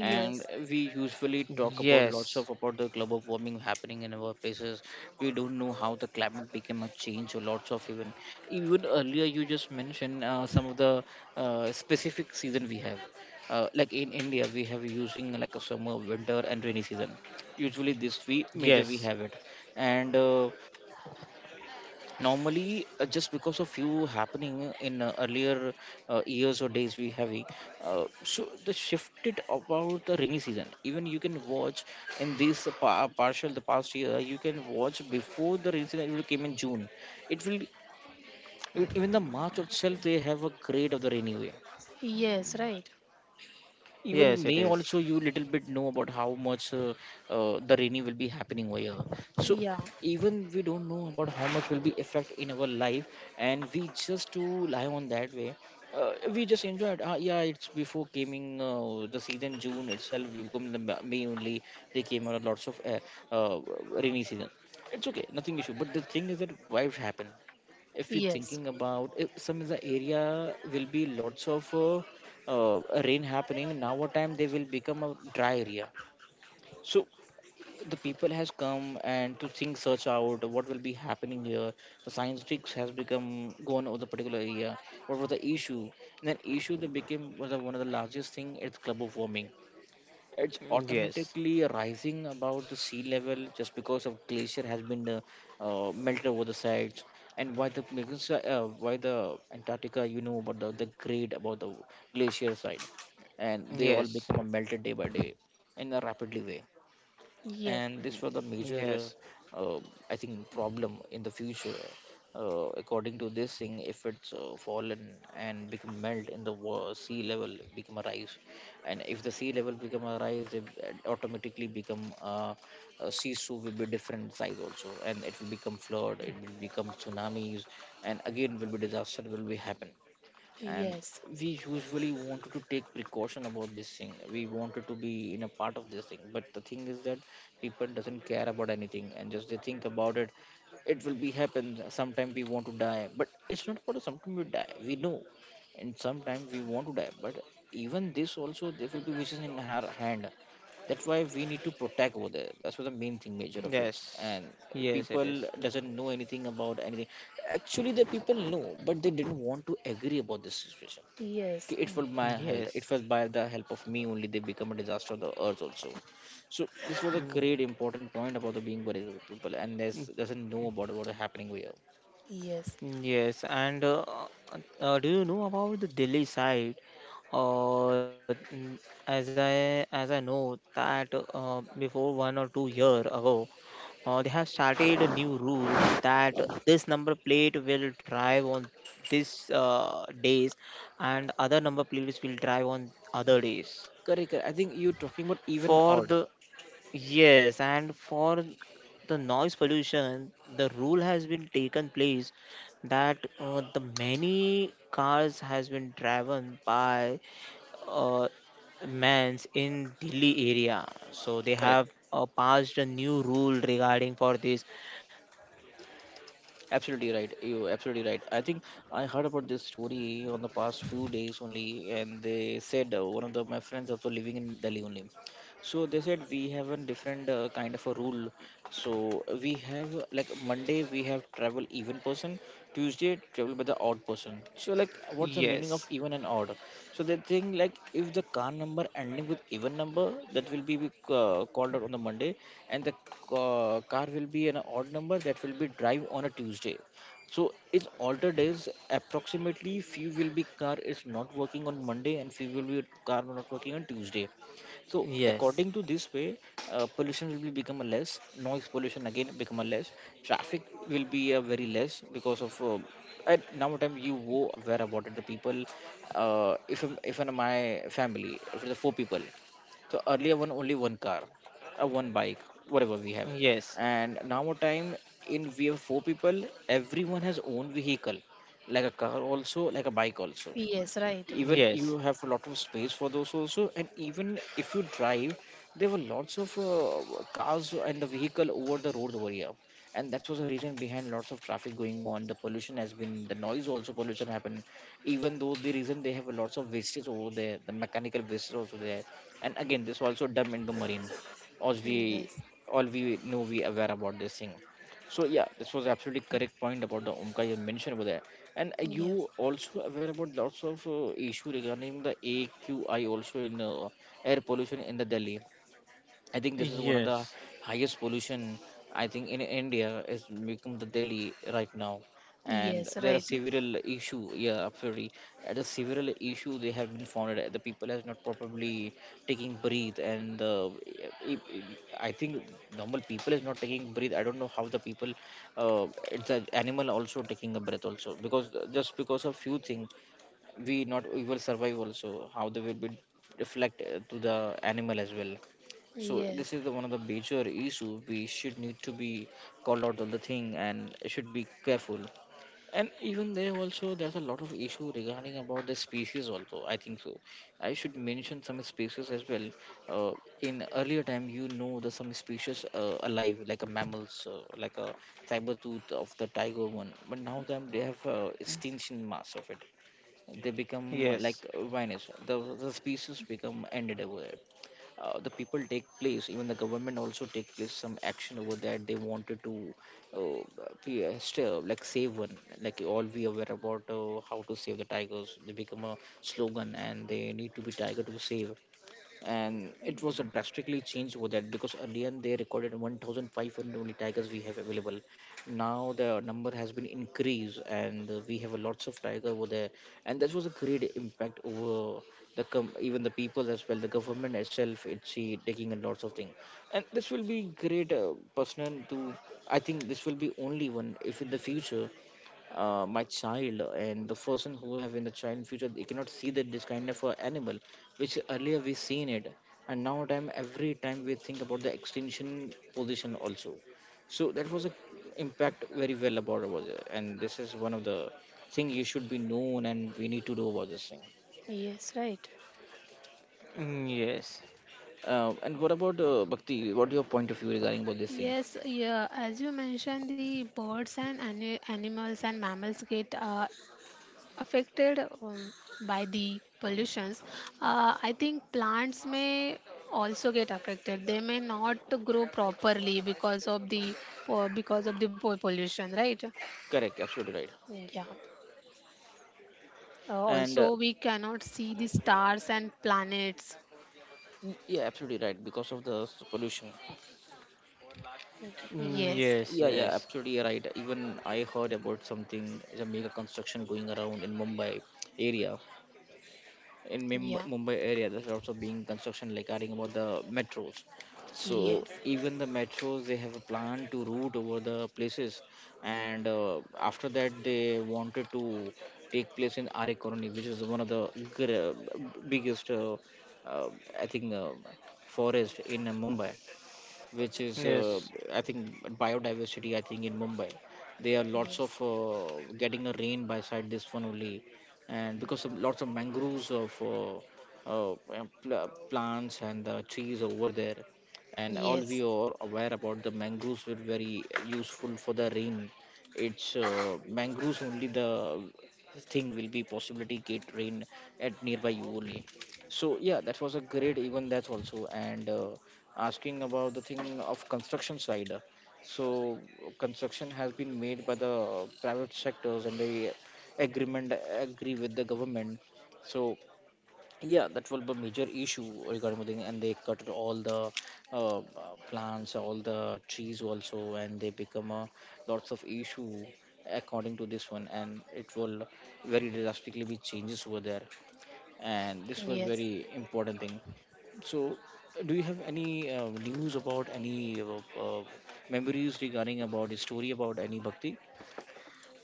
and we usually talk about
Yes,
lots of about the global warming happening in our places. We don't know how the climate became a change, or lots of even even earlier you just mentioned uh, some of the uh, specific season we have. Uh, like in India, we have using like a summer, winter, and rainy season. Usually, this three major we
yes,
have it, and uh, normally uh, just because of you happening in uh, earlier uh, years or days we have, uh, so the shifted about the rainy season, even you can watch in this pa- partial the past year. You can watch before the rainy season, it will came in June. It will, even even the march itself they have a grade of the rainy way.
yes, right.
Even
yes,
may
it is.
also you little bit know about how much uh, uh, the rainy will be happening over here. So
Yeah,
even we don't know about how much will be effect in our life, and we just to lie on that way. Uh, we just enjoy it. Uh, yeah, it's before coming uh, the season June itself. We become the Ma- May only. They came out lots of uh, uh, rainy season. It's okay, nothing issue. But the thing is that why it happened? If you're
yes,
thinking about if some of the area will be lots of uh, uh, rain happening, now what time they will become a dry area. So the people has come and to think search out what will be happening here. The scientists has become gone over the particular area, what was the issue, and then issue that became was the one of the largest thing is global warming. It's
Yes,
automatically rising about the sea level just because of glacier has been uh, uh, melted over the sides. And why the because, uh, uh, why the Antarctica, you know about the, the grade about the glacier side, and they all
yes,
become a melted day by day in a rapidly way.
yeah,
And this was the major
yes,
uh, uh, I think problem in the future. Uh, according to this thing, if it's uh, fallen and become melt in the wa- sea level become a rise. And if the sea level become a rise, they uh, automatically become uh, uh, sea su will be different size also, and it will become flood, it will become tsunamis, and again will be disaster will be happen. And
yes,
we usually wanted to take precaution about this thing, we wanted to be in a part of this thing, but the thing is that people doesn't care about anything and just they think about it. It will be happen sometime we want to die, but it's not about sometime we die, we know. And sometimes we want to die, but even this also there will be wishes in her hand. That's why we need to protect over there, that's what the main thing major of it.
yes,
And
yes, it is.
people doesn't know anything about anything. Actually the people know, but they didn't want to agree about this situation. Ki
yes,
it was my health,
Yes.
it was by the help of me only, they become a disaster of the earth also. So this was a
Mm,
great important point about the being worried with people, and there's doesn't know about what is happening here.
yes,
Yes, and uh, uh, do you know about the Delhi side? Uh, n- as I as I know that uh, before one or two year ago, uh, they have started a new rule that this number plate will drive on this uh, days, and other number plates will drive on other days
Correct correct. I think you're talking about even
for
odd.
the Yes, and for the noise pollution, the rule has been taken place that uh, the many cars has been driven by uh, mans in Delhi area. So they
Correct.
have uh, passed a new rule regarding for this.
Absolutely right. You absolutely right. I think I heard about this story on the past few days only, and they said uh, one of the, my friends also living in Delhi only. So they said we have a different uh, kind of a rule. So we have uh, like Monday we have travel even person, Tuesday travel by the odd person. So like what's the meaning of
Yes,
even and odd? So they think like if the car number ending with even number, that will be uh, called out on the Monday, and the uh, car will be an odd number that will be drive on a Tuesday. So it's altered days, approximately few will be car is not working on Monday and few will be car not working on Tuesday. So
yes,
according to this way, uh, pollution will be become a less, noise pollution again become a less, traffic will be a very less because of uh, at now time you wo- aware about it. The people, uh, if I'm- if in my family, if it's four people, so earlier one, only one car or one bike, whatever we have.
yes,
And now a time in we have four people, everyone has own vehicle, like a car also, like a bike also.
yes, right.
Even
yes,
you have a lot of space for those also, and even if you drive, there were lots of uh, cars and the vehicle over the road over here. And that was the reason behind lots of traffic going on, the pollution has been, the noise also pollution happened. Even though the reason they have lots of wastage over there, the mechanical wastage also there, and again this also dump into marine, as we
Yes,
all we know, we aware about this thing. So yeah, this was absolutely correct point about the Omka you mentioned over there. And are
yeah,
you also aware about lots of uh, issue regarding the A Q I also in uh, air pollution in the Delhi. I think this is one of the
yes,
highest pollution, I think in India is become the Delhi right now, and
yes,
there are
right.
several issue. Yeah, absolutely. Uh, The several issue they have been found. Uh, the people has not properly taking breathe, and uh, i i- I think normal people is not taking breathe. I don't know how the people, uh, it's an animal also taking a breath also, because just because of few thing, we not we will survive also, how they will be reflect uh, to the animal as well. So this
Yes,
is the one of the major issue we should need to be called out on the thing and should be careful. And even there also there's a lot of issue regarding about the species also, I think so I should mention some species as well. Uh, in earlier time, you know the some species uh, alive like a mammals uh, like a saber tooth of the tiger one, but now them they have uh, extinction mass of it, they become like
yes,
vanish. The, the species become ended over there. Uh, the people take place, even the government also take place some action over that. They wanted to uh, be, uh, still, like save one, like all we aware about uh, how to save the tigers. They become a slogan and they need to be tiger to save. And it was a drastically changed over that because earlier they recorded one thousand five hundred only tigers we have available, now the number has been increased, and uh, we have lots of tiger over there. And that was a great impact over the com- even the people as well, the government itself, it's see, taking a lots of things. And this will be great uh, personal to, I think this will be only one. If in the future, uh, my child and the person who have in the child in future, they cannot see that this kind of uh, animal which earlier we seen it. And now time every time we think about the extension position also. So that was a impact very well about about it, and this is one of the thing you should be known, and we need to do about this thing.
yes, right.
mm, yes,
Uh, and what about uh, bhakti, what your point of view regarding about this thing?
Yes, yeah, as you mentioned, the birds and ani- animals and mammals get uh, affected um, by the pollutions. Uh, I think plants may also get affected. They may not grow properly because of the po- because of the po- pollution, right?
Correct, absolutely right.
Yeah. Uh,
And uh,
also, we cannot see the stars and planets.
y- yeah absolutely right, because of the s- pollution.
mm,
Yes.
yes,
Yeah yeah
yes,
absolutely right, even I heard about something, a mega construction going around in Mumbai area. In Mim-
Yeah.
Mumbai area, there's also being construction like adding about the metros. So
Yes.
even the metros, they have a plan to route over the places, and uh, after that they wanted to take place in Aare Colony, which is one of the gr- biggest, uh, uh, I think, uh, forest in uh, Mumbai which is uh,
yes.
I think biodiversity. I think in Mumbai, there are lots
Yes.
of uh, getting a rain by side this one only, and because of lots of mangroves of uh, uh, pl- plants and the trees over there, and all we
Yes.
are aware about the mangroves were very useful for the rain. It's uh, mangroves only the thing will be possibility get rain at nearby you only, so yeah, that was a great event, that's also, and uh, asking about the thing of construction side. So construction has been made by the private sectors and they agreement agree with the government. So yeah, that will be a major issue regarding the thing, and they cut all the uh, uh, plants, all the trees also, and they become a lots of issue according to this one, and it will very drastically be changes over there, and this was
Yes.
very important thing. So, do you have any uh, news about any uh, uh, memories regarding about the story about any Bhakti?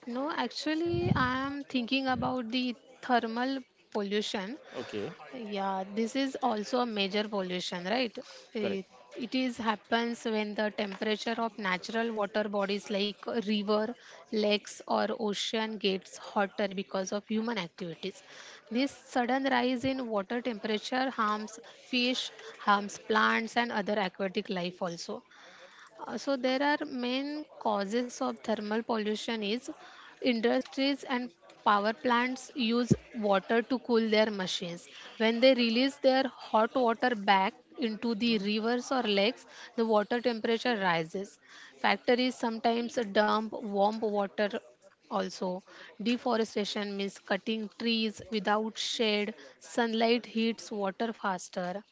No, actually, I am thinking about the thermal pollution.
Okay,
Yeah, this is also a major pollution, right?
correct.
It, it is happens when the temperature of natural water bodies like a river, lakes, or ocean gets hotter because of human activities. This sudden rise in water temperature harms fish, harms plants, and other aquatic life also. Uh, so there are main causes of thermal pollution is industries and power plants use water to cool their machines. When they release their hot water back into the rivers or lakes, the water temperature rises. Factories sometimes dump warm water, also deforestation means cutting trees without shade, sunlight heats water faster,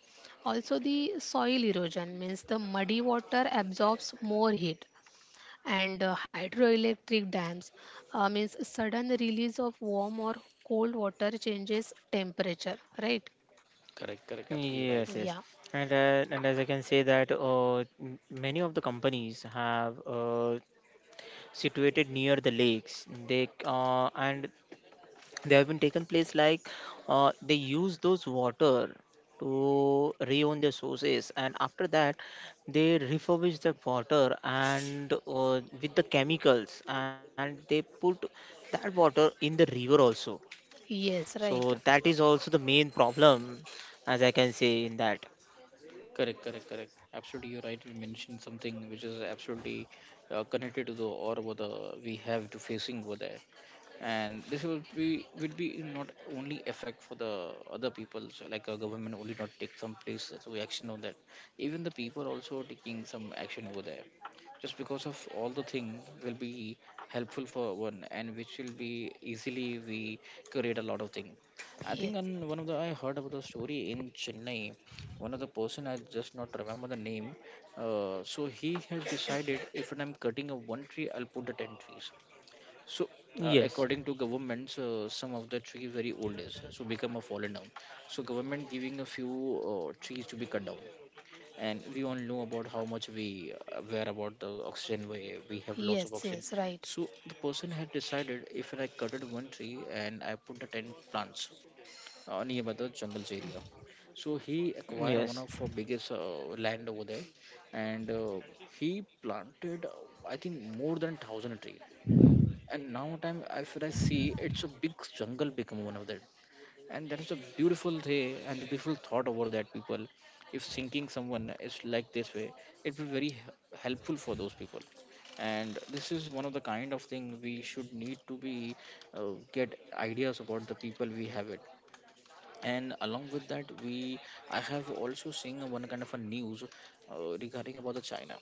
also, the soil erosion means the muddy water absorbs more heat, and uh, hydroelectric dams uh, means sudden release of warm or cold water changes temperature, right?
Correct, correct, absolutely right.
Yes, yes,
Yeah,
and uh, and as I can say that uh, m- many of the companies have uh, situated near the lakes. They uh, and they have been taken place like uh, they use those water to reown their sources, and after that they refurbish that water and uh, with the chemicals, and they put that water in the river also.
yes,
So
right.
that is also the main problem, as I can say in that.
Correct, correct, correct. Absolutely, you're right. We mentioned something which is absolutely uh, connected to the or what the we have to facing over there. And this will be will be not only effect for the other people so like a government only not take some place so action on that, even the people also taking some action over there just because of all the thing will be helpful for one and which will be easily we create a lot of thing. I think on
Yes,
one of the, I heard about the story in Chennai. One of the person, I just not remember the name. Uh, so he has decided, if I'm cutting a one tree, I'll put the ten trees. So, uh,
Yes.
according to governments, uh, some of the trees very old is so become a fallen down. So government giving a few uh, trees to be cut down, and we all know about how much we uh, aware about the oxygen. We we have lots of
yes,
oxygen.
yes, right.
So the person had decided, if I cutted one tree and I put the ten plants uh, nearby the jungles area. So he acquired one
Yes.
of our biggest uh, land over there, and uh, he planted, uh, I think, more than thousand trees, and now time if I see it's a big jungle become one of that. And that is a beautiful day and the beautiful thought over that people, if thinking someone is like this way, it will be very h- helpful for those people. And this is one of the kind of thing we should need to be uh, get ideas about the people we have it. And along with that we, I have also seen one kind of a news uh, regarding about the China.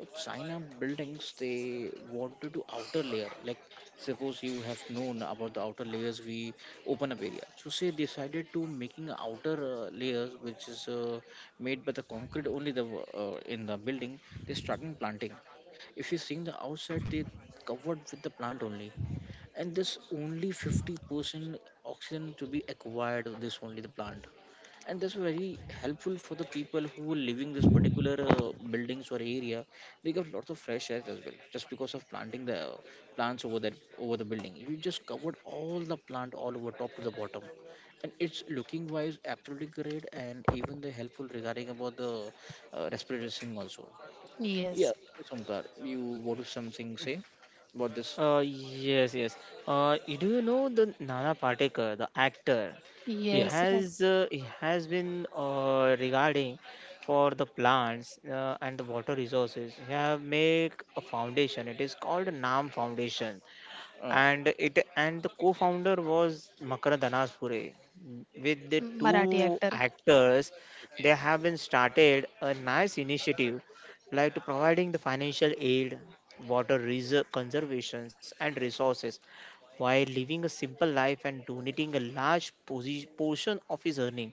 uh, China buildings, they wanted to outer layer. Like, suppose you have known about the outer layers we open up area. So say decided to making outer uh, layers which is uh, made by the concrete only the uh, in the building. They starting planting. If you seeing the outside, they covered with the plant only, and this only fifty percent oxygen to be acquired of this only the plant, and that's very helpful for the people who were living this particular uh, buildings or area. They get lots of fresh air as well just because of planting the uh, plants over there, over the building you just covered all the plant all over top to the bottom. And it's looking wise absolutely great, and even the helpful regarding about the uh, respiratory thing also. Yeah,
Yes,
yes, Omkar, you want to something say about this?
Uh, yes, yes. Uh, you- do you know the Nana Patekar, the actor? He
Yeah.
yes, right.
has uh, he has been uh, regarding for the plants uh, and the water resources. He have make a foundation. It is called Nam Foundation.
Uh,
And it and the co-founder was Makar Danaspure. With the
Marathi
two
actor.
actors, they
okay,
have been started a nice initiative like to providing the financial aid, water reserve conservations and resources while living a simple life and donating a large posi- portion of his earning,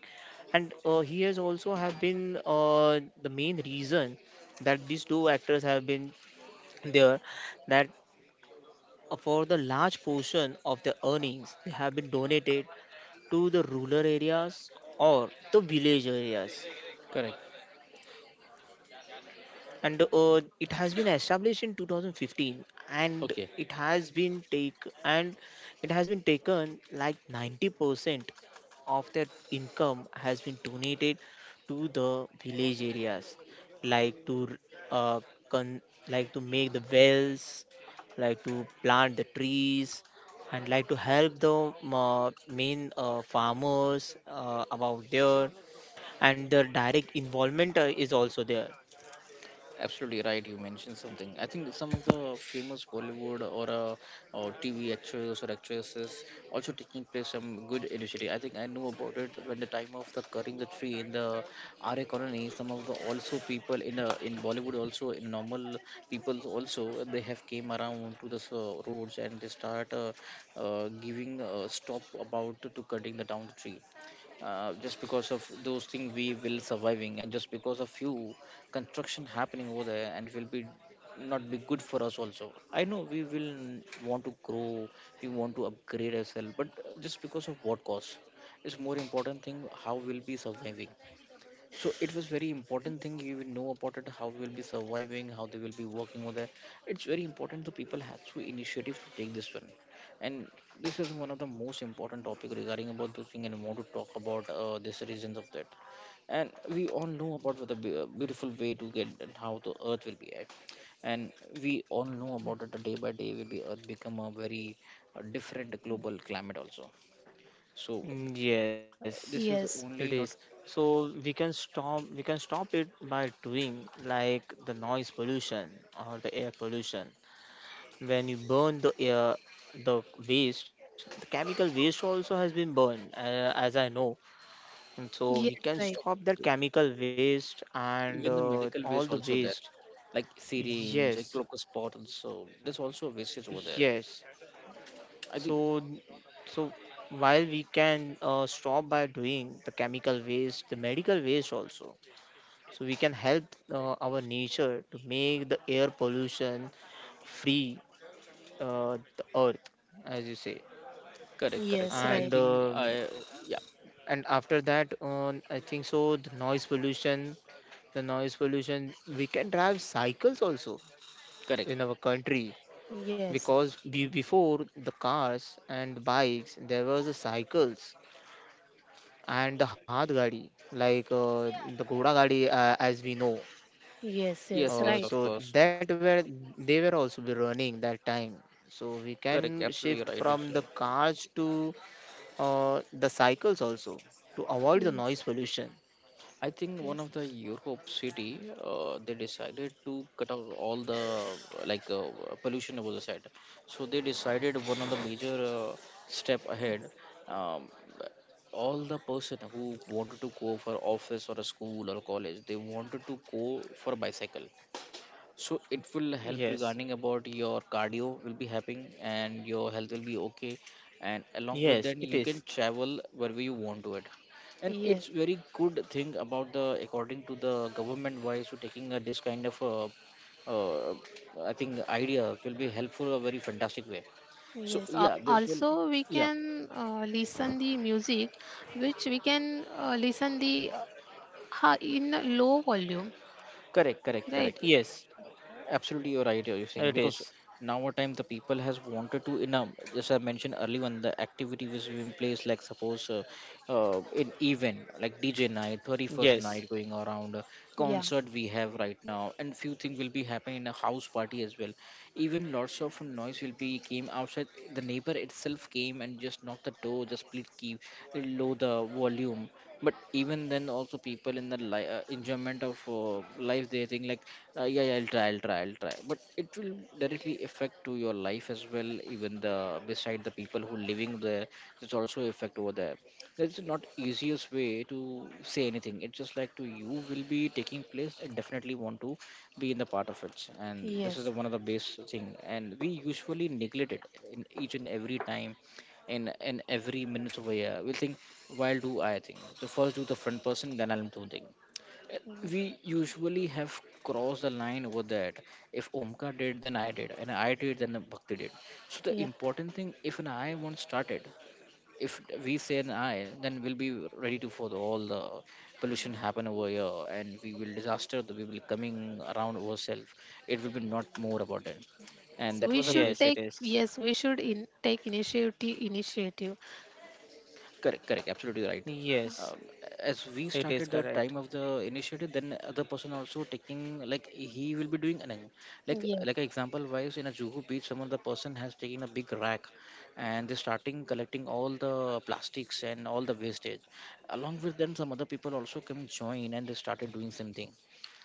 and uh, he has also have been uh, the main reason that these two actors have been there. That for the large portion of their earnings they have been donated to the rural areas or the village areas,
correct.
and uh, it has been established in two thousand fifteen, and
Okay,
it has been take and it has been taken like ninety percent of their income has been donated to the village areas, like to uh, con- like to make the wells, like to plant the trees, and like to help the uh, main uh, farmers uh, about there, and their direct involvement uh, is also there.
absolutely right. You mentioned something. I think some of the famous Bollywood or uh, or T V actors or actresses also taking place some good initiative. I think I know about it when the time of the cutting the tree in the R A colony. Some of the also people in uh, in Bollywood, also in normal people also, they have came around to the uh, roads, and they start uh, uh, giving uh stop about to, to cutting the down the tree, uh, just because of those things we will surviving, and just because of you construction happening over there and will be not be good for us also. I know we will n- want to grow, we want to upgrade ourselves, but uh, just because of what cost, it's more important thing how we'll be surviving. So it was very important thing you will know about it, how will be surviving, how they will be working over there. It's very important the people has to initiative to take this one, and this is one of the most important topic regarding about those thing, and I want to talk about uh, this reasons of that. And we all know about what the be- uh, beautiful way to get and how the earth will be at, and we all know about it day by day will be earth become a very uh, different global climate also. So
Mm, yes,
uh, this is
it
Yes,
is.
only not.
So we can stop we can stop it by doing like the noise pollution or the air pollution. When you burn the air, the waste, the chemical waste also has been burned, uh, as I know. And so
yes,
we can
right.
stop that chemical waste and
Even the
uh,
medical
all
waste
the
also there,
waste.
like syringe, like
Yes,
glucose bottles, so there's also wastage over there,
yes.
I think.
So so while we can uh, stop by doing the chemical waste, the medical waste also, so we can help uh, our nature to make the air pollution free, uh, the earth, as you say.
Correct, correct,
Yes,
I
right.
And
think
uh,
I. Yeah.
and after that on I think so the noise pollution the noise pollution we can drive cycles also
Correct.
in our country
Yes,
because be- before the cars and bikes there was the cycles and the hard gadi, like uh, the ghoda gadi, uh, as we know.
yes, yes,
Yes, yes,
right.
of
Uh, so
course.
that were they were also be running that time. So we
Correct,
can
absolutely
shift
right, you see.
from the cars to uh, the cycles also to avoid the
Yes,
noise pollution.
I think one
yes,
of the Europe city, uh, they decided to cut out all the uh, like uh, pollution was said. So they decided one of the major, uh, step ahead. Um, all the person who wanted to go for office or a school or college, they wanted to go for bicycle, so it will help regarding
Yes.
about your cardio will be happening and your health will be okay. And along with that, you
Yes,
can
it is.
travel wherever you want to it, and it's
yes.
very good thing about the according to the government wise so taking uh, this kind of uh, uh, I think ideas will be helpful a very fantastic way. So
Yes, uh,
yeah, this will,
also we
yeah,
can uh, listen the music which we can uh, listen the uh, ha- in a low volume,
correct, correct,
right?
correct.
Yes,
Absolutely, you're right, you're saying,
it
because
is.
now a time the people has wanted to in a, as I mentioned earlier on the activity was in place, like suppose uh, uh in event like DJ night, thirty-first night
Yes.
going around, uh,
Yeah.
concert we have right now, and few things will be happening in a house party as well. Even lots of noise will be came outside. The neighbor itself came and just knocked the door, just please keep low the volume. But even then, also people in the li- uh, enjoyment of uh, life, they think like, uh, yeah, yeah, I'll try, I'll try, I'll try. But it will directly affect to your life as well. Even the beside the people who living there, it's also affect over there. That's not easiest way to say anything. It's just like to you will be taking place and definitely want to be in the part of it, and this is
Yes.
the one of the base thing, and we usually neglect it in each and every time, in in every minutes of a year we'll think, while do I think so first, do the front person, then I'll do thing. Uh, we usually have crossed the line over that. If Omka did, then I did, and I did, then Bhakti did. So the
Yeah.
important thing, if an I once started, if we say an I, then we'll be ready to for the, all the pollution happen over here, and we will disaster. We will coming around ourselves. It will be not more about it, and
So
that
we
was a
should
major.
take,
Yes, it
yes,
is.
we should in take initiative initiative.
Correct, correct, absolutely right. Um,
Yes,
as we started
it
the
is
time of
correct.
the initiative, then other person also taking like he will be doing an, like
Yes.
like an example wise in a Juhu beach, someone the person has taken a big rack and they starting collecting all the plastics and all the wastage. Along with them, some other people also come join and they started doing same thing.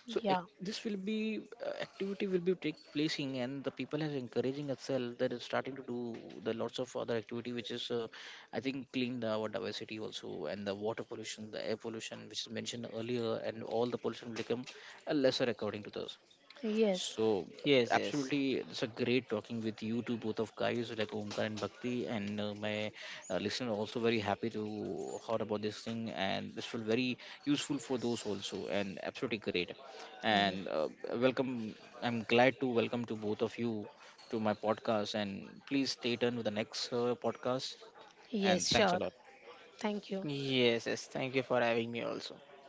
So
Yeah.
ac- this will be uh, activity will be take placing, and the people are encouraging itself that is starting to do the lots of other activity which is uh, I think clean the, our diversity also, and the water pollution, the air pollution, which is mentioned earlier, and all the pollution will become a lesser according to this.
Yes.
So,
Yes,
absolutely,
yes.
it's a great talking with you two, both of guys like Omkar and Bhakti, and uh, my uh, listener also very happy to heard about this thing, and this will very useful for those also, and absolutely great.
Yes.
And uh, welcome, I'm glad to welcome to both of you to my podcast, and please stay tuned with the next uh, podcast
Yes,
and thanks a
sure.
lot.
Thank you.
Yes, yes. Thank you for having me also.